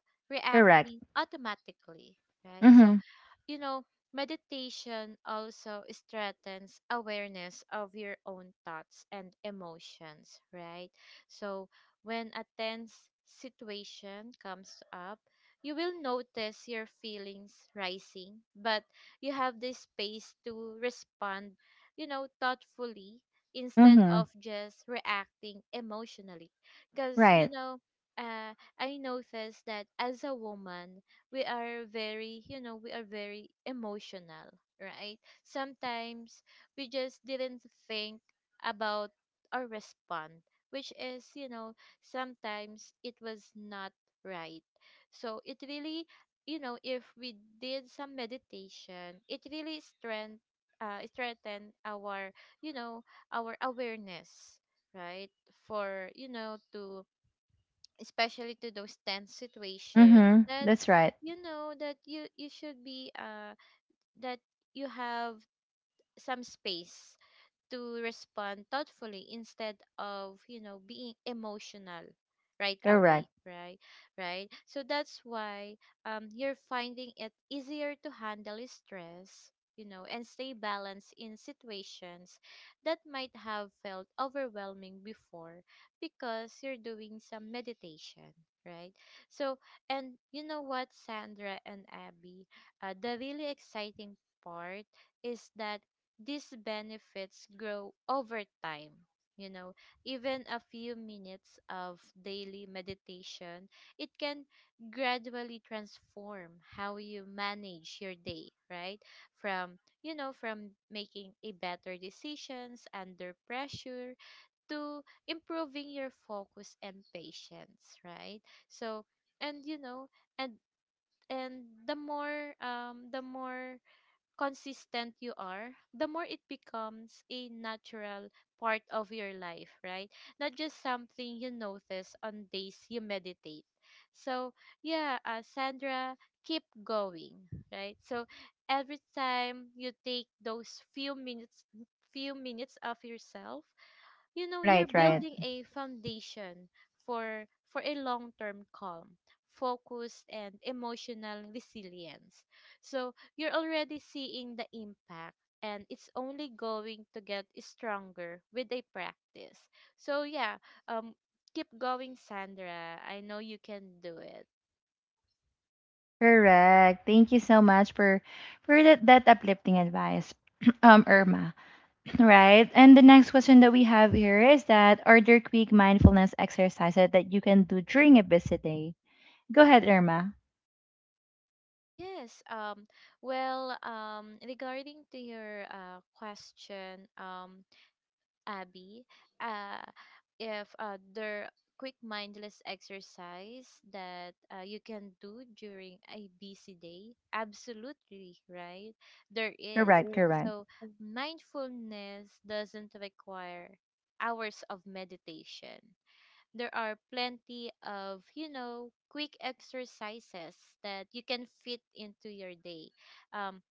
Speaker 1: correct.
Speaker 2: reacting automatically, right? So,
Speaker 1: Mhm,
Speaker 2: you know, meditation also strengthens awareness of your own thoughts and emotions, right? So, when a tense situation comes up, you will notice your feelings rising, but you have this space to respond, you know, thoughtfully instead
Speaker 1: mhm.
Speaker 2: of just reacting emotionally. Because, you
Speaker 1: Right.
Speaker 2: know, uh, I noticed that as a woman, we are very, you know, we are very emotional, right? Sometimes we just didn't think about or respond, which is, you know, sometimes it was not right. So it really, you know, if we did some meditation, it really strengthen our, you know, our awareness, right? For, you know, to, especially to those tense situations,
Speaker 1: Mhm.
Speaker 2: that
Speaker 1: That's right.
Speaker 2: you know that you should be that you have some space to respond thoughtfully instead of, you know, being emotional right away,
Speaker 1: Correct.
Speaker 2: right? Right, so that's why you're finding it easier to handle stress, you know, and stay balanced in situations that might have felt overwhelming before, because you're doing some meditation, right? So and you know what, Sandra and Abby, the really exciting part is that these benefits grow over time. You know, even a few minutes of daily meditation, it can gradually transform how you manage your day, right? From, you know, from making a better decisions under pressure to improving your focus and patience, right? So, and you know, and the more consistent you are, the more it becomes a natural part of your life, right? Not just something you notice on days you meditate. So, yeah, Sandra, keep going, right? So, every time you take those few minutes of yourself, you know, you're
Speaker 1: Right, right.
Speaker 2: building a foundation for a long-term calm, focus and emotional resilience. So you're already seeing the impact, and it's only going to get stronger with a practice. So yeah, um keep going, Sandra, I know you can do it.
Speaker 1: Correct. Thank you so much for that, uplifting advice, Irma. Right. And the next question that we have here is that are there quick mindfulness exercises that you can do during a busy day? Go ahead, Irma.
Speaker 2: Yes, well, regarding to your question, Abby, uh, if there quick mindless exercise that you can do during a busy day, absolutely right. There is.
Speaker 1: Correct, Mm. Correct.
Speaker 2: So mindfulness doesn't require hours of meditation. There are plenty of, you know, quick exercises that you can fit into your day. Um,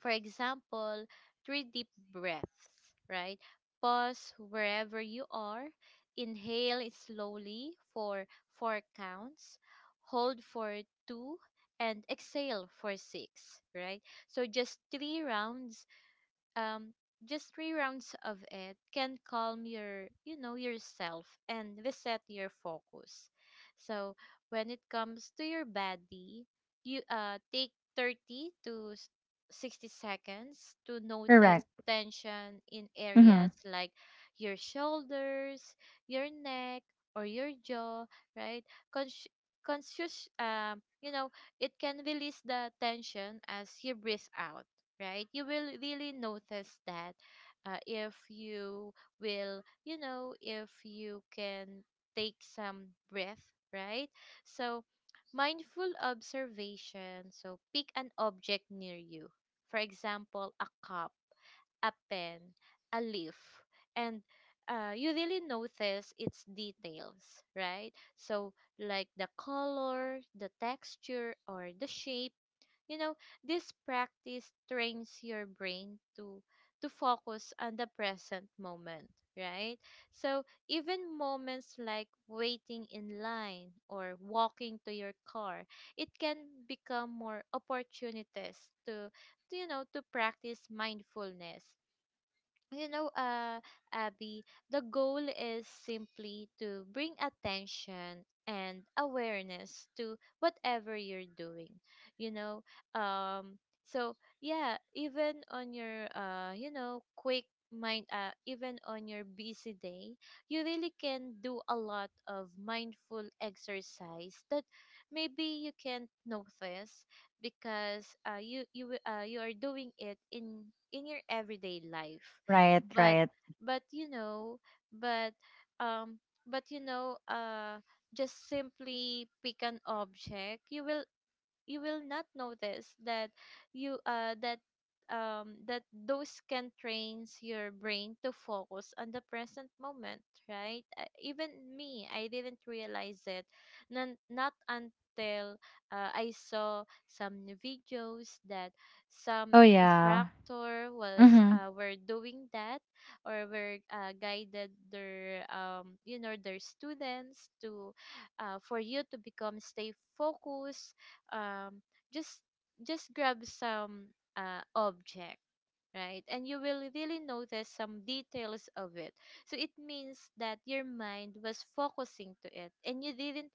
Speaker 2: for example, three deep breaths, right? Pause wherever you are, inhale slowly for four counts, hold for two, and exhale for six, right? So just three rounds, um just three rounds of it can calm your, you know, yourself and reset your focus. So when it comes to your body, you take 30 to 60 seconds to notice
Speaker 1: Correct.
Speaker 2: tension in
Speaker 1: Mm-hmm.
Speaker 2: areas like your shoulders, your neck or your jaw, right? Consci- Conscious, you know, it can release the tension as you breathe out, right? You will really notice that, if you will, you know, if you can take some breath, right? So mindful observation. So pick an object near you, for example a cup, a pen, a leaf, and you really notice its details, right? So, like the color, the texture, or the shape. You know, this practice trains your brain to focus on the present moment, right? So, even moments like waiting in line or walking to your car, it can become more opportunities to you know, to practice mindfulness. You know, Abby, the goal is simply to bring attention and awareness to whatever you're doing, you know. Um, so yeah, even on your, you know, even on your busy day, you really can do a lot of mindful exercise that maybe you can't notice because you are doing it in your everyday life.
Speaker 1: Right,
Speaker 2: But
Speaker 1: right.
Speaker 2: but you know but um but you know just simply pick an object, you will, you will not notice that you that that those can trains your brain to focus on the present moment, right? Even me, I didn't realize it. Not until, I saw some videos that some
Speaker 1: Oh yeah.
Speaker 2: instructor was
Speaker 1: Mm-hmm.
Speaker 2: were doing that, or were guided their, you know, their students to, for you to become stay focused. um just just grab some object, right, and you will really notice some details of it, so it means that your mind was focusing to it and you didn't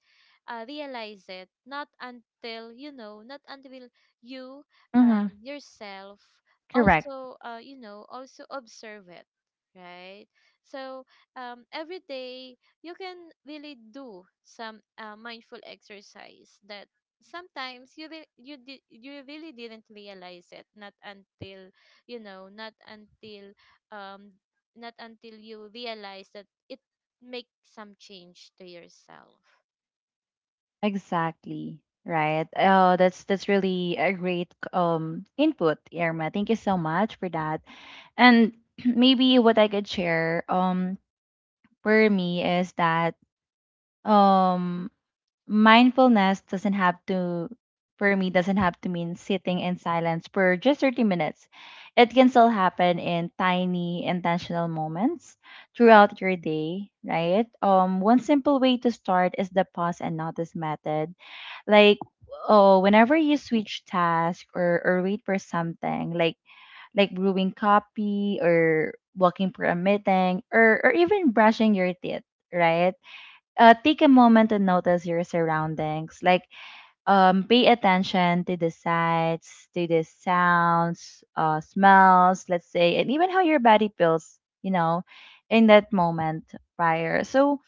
Speaker 2: realize it not until, you know, not until you,
Speaker 1: Mm-hmm.
Speaker 2: yourself
Speaker 1: Correct.
Speaker 2: also, you know, also observe it, right? So, every day you can really do some mindful exercise that sometimes you re- you did you really didn't realize it not until, you know, not until, um not until you realize that it makes some change to yourself.
Speaker 1: Exactly. Right. Oh, that's really a great input, Irma. Thank you so much for that. And maybe what I could share for me is that um mindfulness doesn't have to for me doesn't have to mean sitting in silence for just 30 minutes. It can still happen in tiny intentional moments throughout your day, right? One simple way to start is the pause and notice method. Like, oh, whenever you switch task or wait for something, like brewing coffee or walking for a meeting or even brushing your teeth, right? Take a moment and notice your surroundings. Like, pay attention to the sights, to the sounds, smells, let's say, and even how your body feels, you know, in that moment prior. So,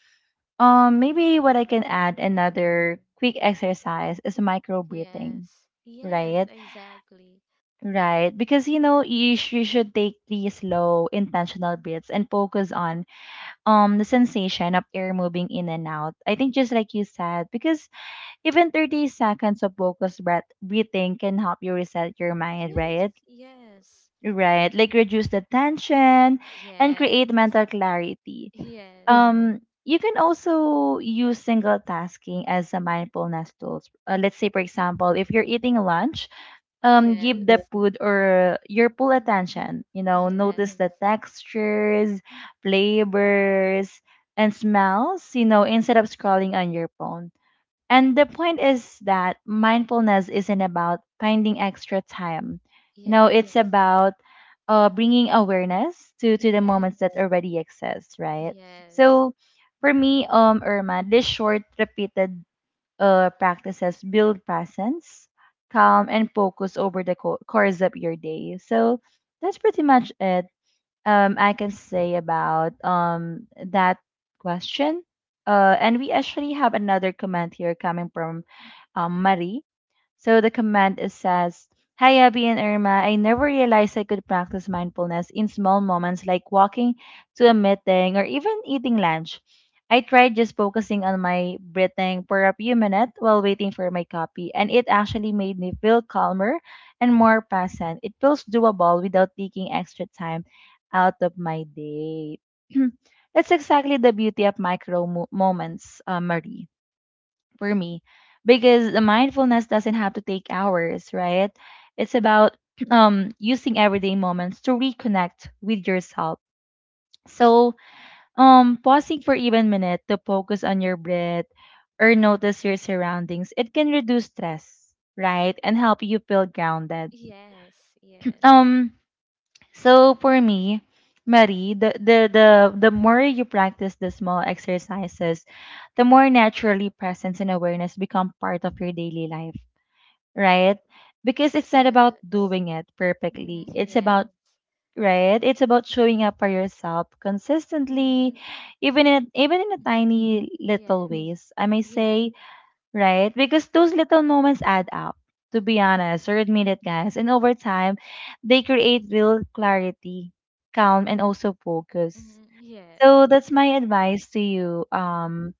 Speaker 1: maybe what I can add another quick exercise is micro breathing.
Speaker 2: Yes, yes,
Speaker 1: Right,
Speaker 2: exactly.
Speaker 1: right. Because you know you should take these slow, intentional breaths and focus on the sensation of air moving in and out. I think just like you said, because even 30 seconds of focused breathing can help you reset your mind,
Speaker 2: Yes,
Speaker 1: right?
Speaker 2: yes,
Speaker 1: Right. Like reduce the tension and create
Speaker 2: yes,
Speaker 1: mental clarity.
Speaker 2: yes,
Speaker 1: You can also use single tasking as a mindfulness tools. Let's say, for example, if you're eating lunch, give the
Speaker 2: yes.
Speaker 1: food or your full
Speaker 2: Mm.
Speaker 1: attention. You know, notice
Speaker 2: Yes,
Speaker 1: the textures, flavors, and smells. You know, instead of scrolling on your phone. And the point is that mindfulness isn't about finding extra time. You know,
Speaker 2: yes,
Speaker 1: it's about bringing awareness to, the moments that
Speaker 2: yes,
Speaker 1: already exist, right?
Speaker 2: yes,
Speaker 1: So for me, Irma, these short, repeated practices build presence, calm, and focus over the course of your day. So that's pretty much it I can say about that question. And we actually have another comment here coming from Marie. So the command is says, "Hi Abby and Irma, I never realized I could practice mindfulness in small moments like walking to a meeting or even eating lunch. I tried just focusing on my breathing for a few minutes while waiting for my copy, and it actually made me feel calmer and more present. It feels doable without taking extra time out of my day." That's exactly the beauty of moments, Marie, for me, because the mindfulness doesn't have to take hours, right? It's about using everyday moments to reconnect with yourself. So, pausing for even minute to focus on your breath or notice your surroundings, it can reduce stress, right? And help you feel grounded.
Speaker 2: yes, yes,
Speaker 1: Um so for me, Marie, the the more you practice the small exercises, the more naturally presence and awareness become part of your daily life, right? Because it's not about
Speaker 2: yes.
Speaker 1: doing it perfectly.
Speaker 2: Mm,
Speaker 1: It's
Speaker 2: yes.
Speaker 1: about right. It's about showing up for yourself
Speaker 2: Mm-hmm.
Speaker 1: consistently, even in a tiny little
Speaker 2: Yes.
Speaker 1: ways. I may
Speaker 2: Yes.
Speaker 1: say right, because those little moments add up. To be honest, or admit it, guys, and over time, they create real clarity, calm, and also focus.
Speaker 2: Mm-hmm. Yes.
Speaker 1: So that's my
Speaker 2: Exactly.
Speaker 1: advice to you. Um,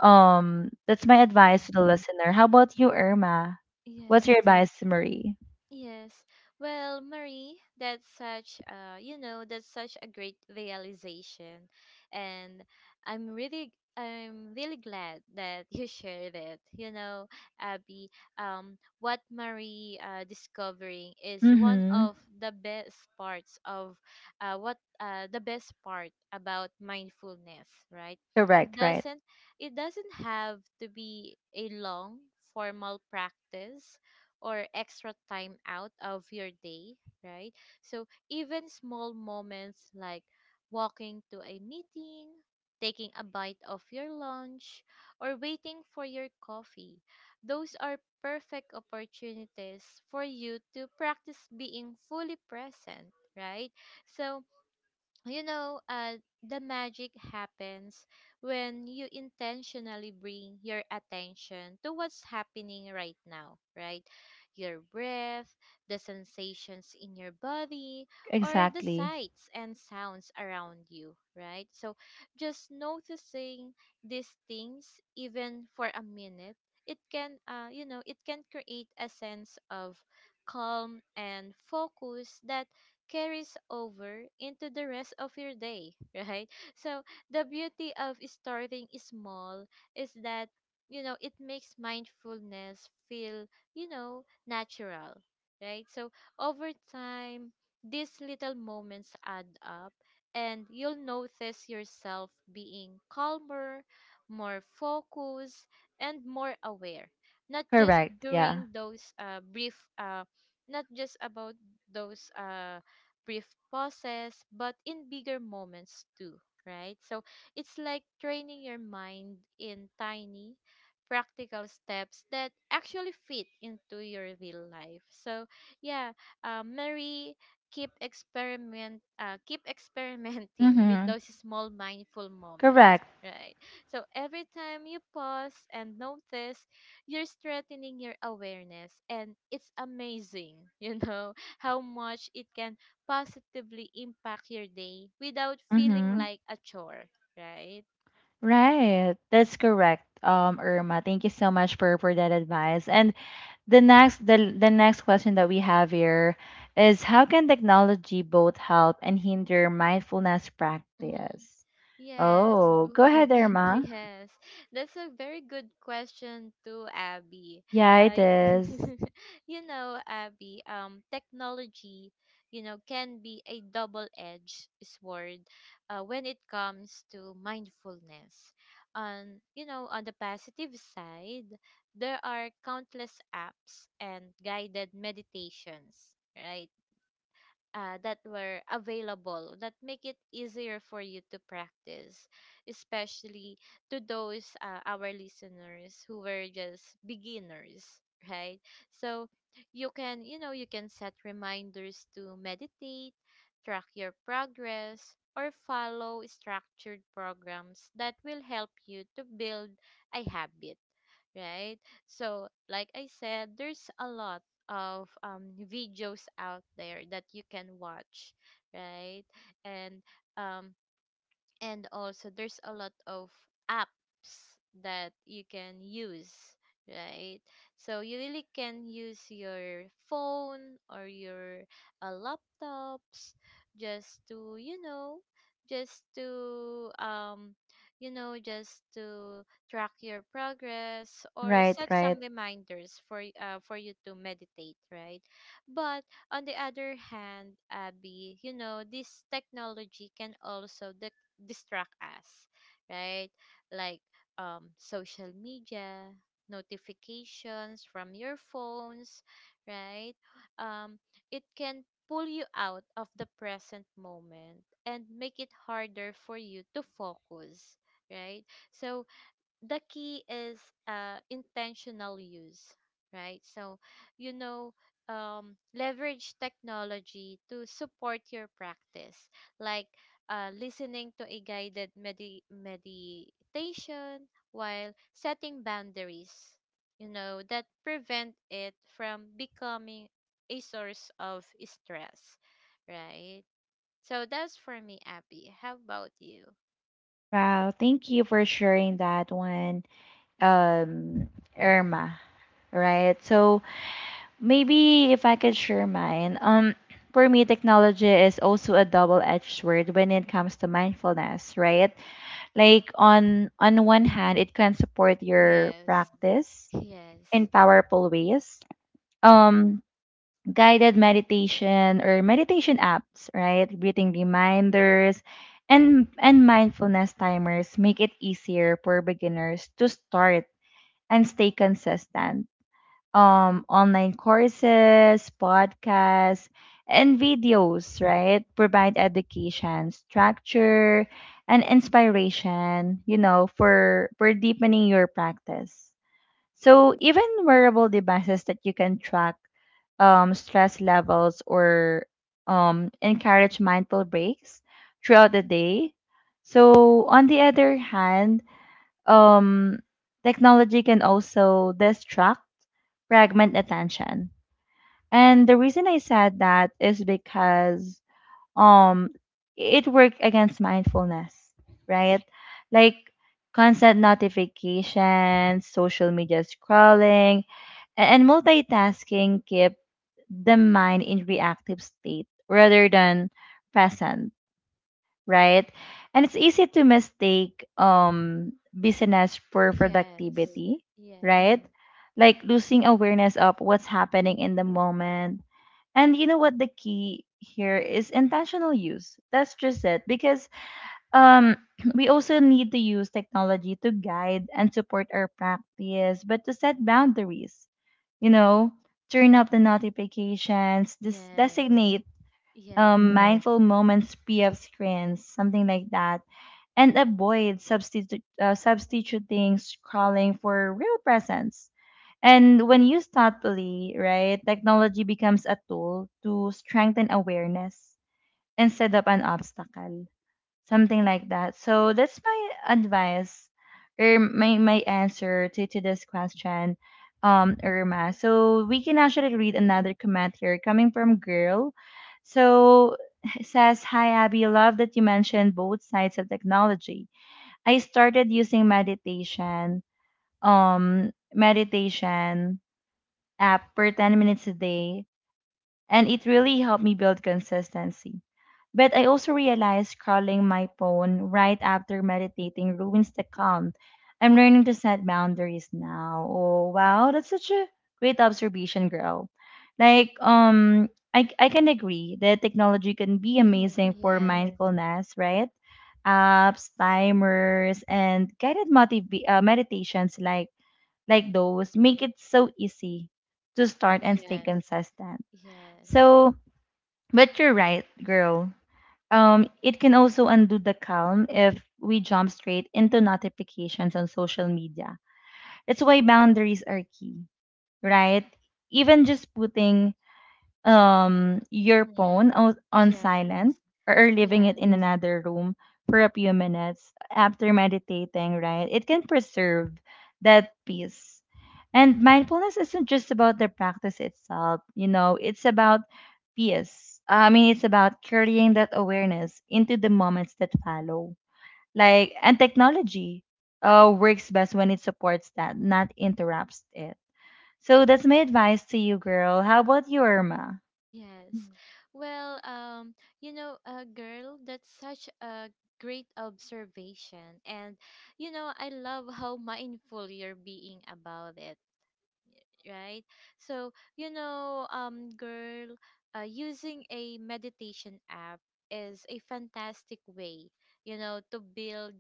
Speaker 1: um, That's my
Speaker 2: Mm-hmm. Mm-hmm.
Speaker 1: advice to the listener. How about you, Irma? What's your
Speaker 2: Yes.
Speaker 1: advice, to Marie?
Speaker 2: Yes. Well, Marie, that's such you know, that's such a great realization, and I'm really, glad that you shared it. You know, Abby, what Marie discovering is one
Speaker 1: Mm-hmm.
Speaker 2: of the best parts of, what the best part about mindfulness, right? It
Speaker 1: Correct, right.
Speaker 2: doesn't, it doesn't have to be a long formal practice or extra time out of your day, right? So even small moments like walking to a meeting, taking a bite of your lunch, or waiting for your coffee, those are perfect opportunities for you to practice being fully present, right? So you know, the magic happens when you intentionally bring your attention to what's happening right now, right? Your breath, the sensations in your body, or the
Speaker 1: Exactly.
Speaker 2: sights and sounds around you, right? So just noticing these things, even for a minute, it can, it can create a sense of calm and focus that carries over into the rest of your day, right? So the beauty of starting small is that it makes mindfulness feel natural, right? So over time, these little moments add up, and you'll notice yourself being calmer, more focused, and more aware. Not just
Speaker 1: Correct, yeah.
Speaker 2: during those brief, Not just about those brief pauses, but in bigger moments too, right? So it's like training your mind in tiny, practical steps that actually fit into your real life. So yeah, Mary, keep experimenting with
Speaker 1: Mm-hmm.
Speaker 2: those small mindful moments.
Speaker 1: Correct.
Speaker 2: Right. So every time you pause and notice, you're strengthening your awareness. And it's amazing, you know, how much it can positively impact your day without feeling
Speaker 1: Mm-hmm.
Speaker 2: like a chore, right?
Speaker 1: Right. That's correct. Irma, thank you so much for that advice. And the next question that we have here is, how can technology both help and hinder mindfulness
Speaker 2: Mhm.
Speaker 1: practice?
Speaker 2: Yes.
Speaker 1: Oh, go
Speaker 2: Oh,
Speaker 1: ahead, Irma.
Speaker 2: yes. That's a very good question too, Abby.
Speaker 1: Yeah, it
Speaker 2: Uh,
Speaker 1: is.
Speaker 2: you know, Abby, technology, you know, can be a double-edged sword when it comes to mindfulness. On the positive side, there are countless apps and guided meditations, right? That were available that make it easier for you to practice, especially to those our listeners who were just beginners, right? So you can set reminders to meditate, track your progress, or follow structured programs that will help you to build a habit, right? So, like I said, there's a lot of videos out there that you can watch, right? And um, and also there's a lot of apps that you can use, right? So you really can use your phone or your laptops just to, you know, just to you know, just to track your progress or
Speaker 1: Right,
Speaker 2: set
Speaker 1: right.
Speaker 2: some reminders for for you to meditate, right? But on the other hand, Abby, you know, this technology can also distract us, right? Like social media, notifications from your phones, right? Um, it can pull you out of the present moment and make it harder for you to focus, right? So the key is intentional use, right? So, you know, leverage technology to support your practice, like listening to a meditation while setting boundaries, you know, that prevent it from becoming a source of stress, right? So that's for me, Abby. How about you?
Speaker 1: Wow, thank you for sharing that one, um, Irma. Right. So maybe if I could share mine. For me, technology is also a double-edged sword when it comes to mindfulness, right? Like on one hand, it can support your
Speaker 2: Yes.
Speaker 1: practice
Speaker 2: Yes.
Speaker 1: in powerful ways. Um, Guided meditation or meditation apps, right? Breathing reminders and mindfulness timers make it easier for beginners to start and stay consistent. Um, online courses, podcasts, and videos, right? Provide education, structure, and inspiration, you know, for deepening your practice. So even wearable devices that you can track stress levels or encourage mindful breaks throughout the day. So, on the other hand, um, technology can also distract, fragment attention. And the reason I said that is because um, it works against mindfulness, right? Like constant notifications, social media scrolling, and multitasking keep the mind in reactive state rather than present, right? And it's easy to mistake business for
Speaker 2: Yes,
Speaker 1: productivity,
Speaker 2: yes,
Speaker 1: right? Like losing awareness of what's happening in the moment. And you know what, the key here is intentional use. That's just it, because um we also need to use technology to guide and support our practice, but to set boundaries, you know, turn up the notifications,
Speaker 2: yes,
Speaker 1: designate
Speaker 2: yes,
Speaker 1: mindful moments, PF screens, something like that, and avoid substituting scrolling for real presence. And when used thoughtfully, right, technology becomes a tool to strengthen awareness instead of an obstacle, something like that. So that's my advice, or my answer to this question, Irma. So we can actually read another comment here coming from Girl. So it says, "Hi, Abby, love that you mentioned both sides of technology. I started using meditation, meditation app for 10 minutes a day and it really helped me build consistency. But I also realized scrolling my phone right after meditating ruins the calm. I'm learning to set boundaries now." Oh wow, that's such a great observation, girl. Like I can agree that technology can be
Speaker 2: mhm,
Speaker 1: amazing for
Speaker 2: yes,
Speaker 1: mindfulness, right? Apps, timers, and meditations like those make it so easy to start and stay
Speaker 2: yes,
Speaker 1: consistent.
Speaker 2: yes,
Speaker 1: So but you're right, girl. It can also undo the calm if we jump straight into notifications on social media. That's why boundaries are key, right? Even just putting your phone
Speaker 2: mhm,
Speaker 1: on silent,
Speaker 2: yes,
Speaker 1: or leaving it
Speaker 2: yes,
Speaker 1: in another room for a few minutes after meditating, right? It can preserve that peace. And mindfulness isn't just about the practice itself, you know, it's about peace. I mean, it's about carrying that awareness into the moments that follow. Like, and technology works best when it supports that, not interrupts it. So that's my advice to you, girl. How about you, Irma?
Speaker 2: yes. Well, you know, girl, that's such a great observation, and you know, I love how mindful you're being about it, right? So, you know, girl, using a meditation app is a fantastic way, you know, to build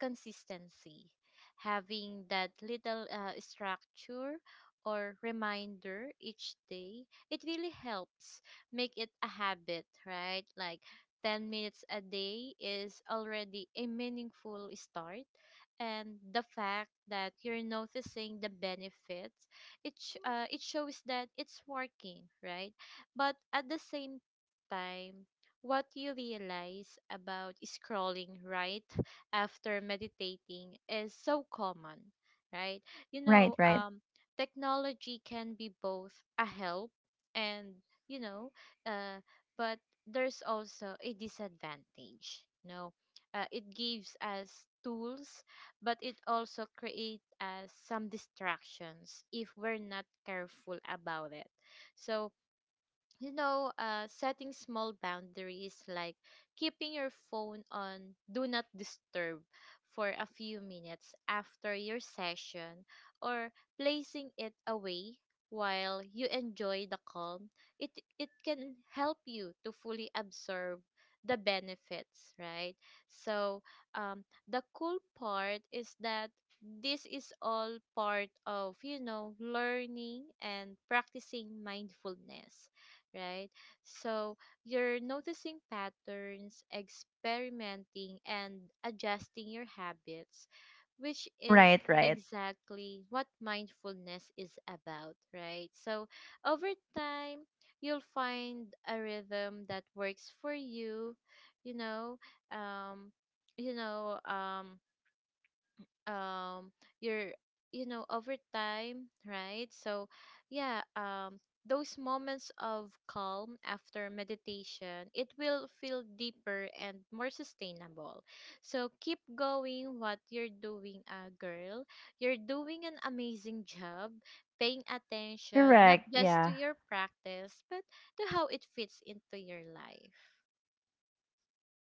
Speaker 2: consistency. Having that little structure or reminder each day, it really helps make it a habit, right? Like 10 minutes a day is already a meaningful start. And the fact that you're noticing the benefits, it shows that it's working, right? But at the same time, what you realize about scrolling right after meditating is so common, right? you
Speaker 1: Right,
Speaker 2: know
Speaker 1: right.
Speaker 2: um Technology can be both a help and, you know, uh, but there's also a disadvantage, you know. It gives us tools, but it also creates us some distractions if we're not careful about it. So, you know, setting small boundaries like keeping your phone on do not disturb for a few minutes after your session or placing it away while you enjoy the calm, it, it can help you to fully absorb the benefits, right? So, the cool part is that this is all part of, you know, learning and practicing mindfulness, right? So you're noticing patterns, experimenting, and adjusting your habits, which is
Speaker 1: Right, right.
Speaker 2: exactly what mindfulness is about, right? So over time, you'll find a rhythm that works for you, you know, um, you know, um, um you're over time, right? So yeah, those moments of calm after meditation, it will feel deeper and more sustainable. So keep going what you're doing, girl. You're doing an amazing job paying attention not
Speaker 1: Correct.
Speaker 2: just to
Speaker 1: Yeah.
Speaker 2: your practice but to how it fits into your life.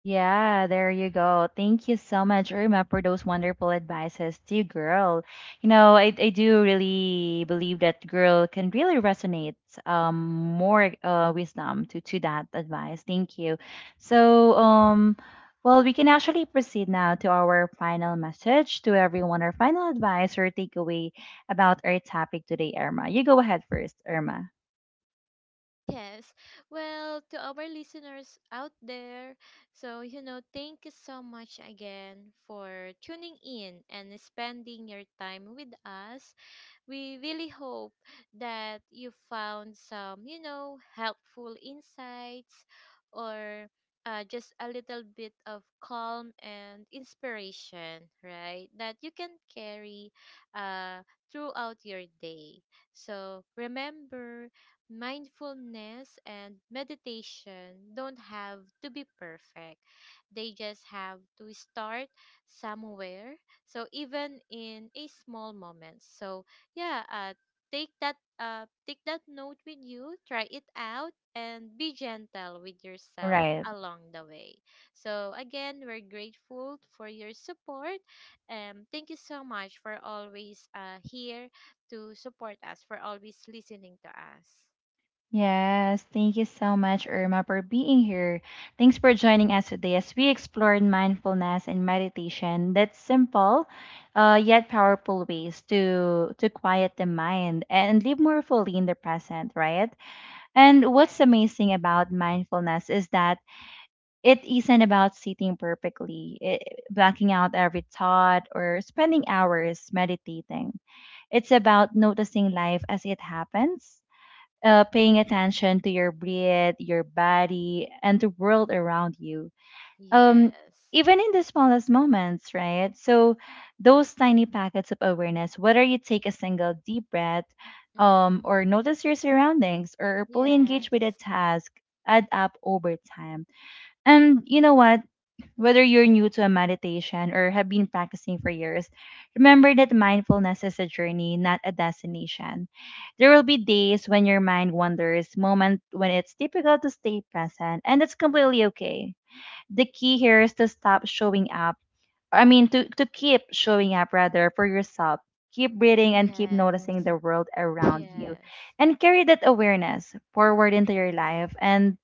Speaker 1: Yeah, there you go. Thank you so much, Irma, for those wonderful advices to girl. You know, I do really believe that girl can really resonate um more wisdom to that advice. Thank you. So well, we can actually proceed now to our final message to everyone, our final advice or takeaway about our topic today, Irma. You go ahead first, Irma.
Speaker 2: Yes. Well, to our listeners out there, so you know, thank you so much again for tuning in and spending your time with us. We really hope that you found some, you know, helpful insights or just a little bit of calm and inspiration, right? That you can carry uh, throughout your day. So remember, mindfulness and meditation don't have to be perfect. They just have to start somewhere. So even in a small moment. So yeah, take that note with you, try it out and be gentle with yourself
Speaker 1: Right.
Speaker 2: along the way. So again, we're grateful for your support, and thank you so much for always here to support us, for always listening to us.
Speaker 1: Yes, thank you so much, Irma, for being here. Thanks for joining us today as we explored mindfulness and meditation. That's simple, yet powerful ways to quiet the mind and live more fully in the present, right? And what's
Speaker 2: Yes.
Speaker 1: amazing about mindfulness is that it isn't about sitting perfectly, eh, blacking out every thought, or spending hours meditating. It's about noticing life as it happens, paying attention to your breath, your body, and the world around you. Um,
Speaker 2: Yes.
Speaker 1: even in the smallest moments, right? So, those tiny packets of awareness, whether you take a single deep breath,
Speaker 2: Mm.
Speaker 1: or notice your surroundings, or fully engage with a
Speaker 2: Yes.
Speaker 1: task, add up over time. And you know what? Whether you're new to a meditation or have been practicing for years, remember that mindfulness is a journey, not a destination. There will be days when your mind wanders, moments when it's difficult to stay present, and that's completely okay. The key here is to stop showing up. I mean, to keep showing up rather for yourself. Keep breathing and keep noticing the
Speaker 2: Yes.
Speaker 1: world around you.
Speaker 2: Yes.
Speaker 1: And carry that awareness forward into your life. And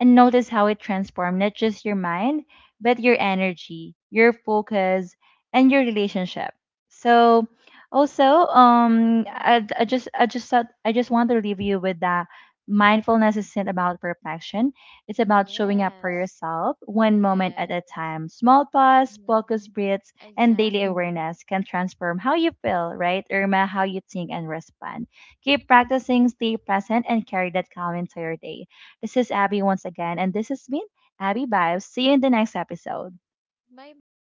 Speaker 1: notice how it transformed not just your mind, but your energy, your focus, and your relationship. So also,
Speaker 2: Mm.
Speaker 1: I just thought, I just want to leave you with that. Mindfulness isn't about perfection. It's about showing up for
Speaker 2: Yes.
Speaker 1: yourself one moment at a
Speaker 2: Yes.
Speaker 1: time. Small pause,
Speaker 2: Mm.
Speaker 1: focus breaths, and daily
Speaker 2: Exactly.
Speaker 1: awareness can transform how you feel, right, Irma? How you think and respond. Keep practicing, stay present, and carry that calm into your day. This is Abby once again, and this has been Abby Vibes. See you in the next episode.
Speaker 2: 拜拜。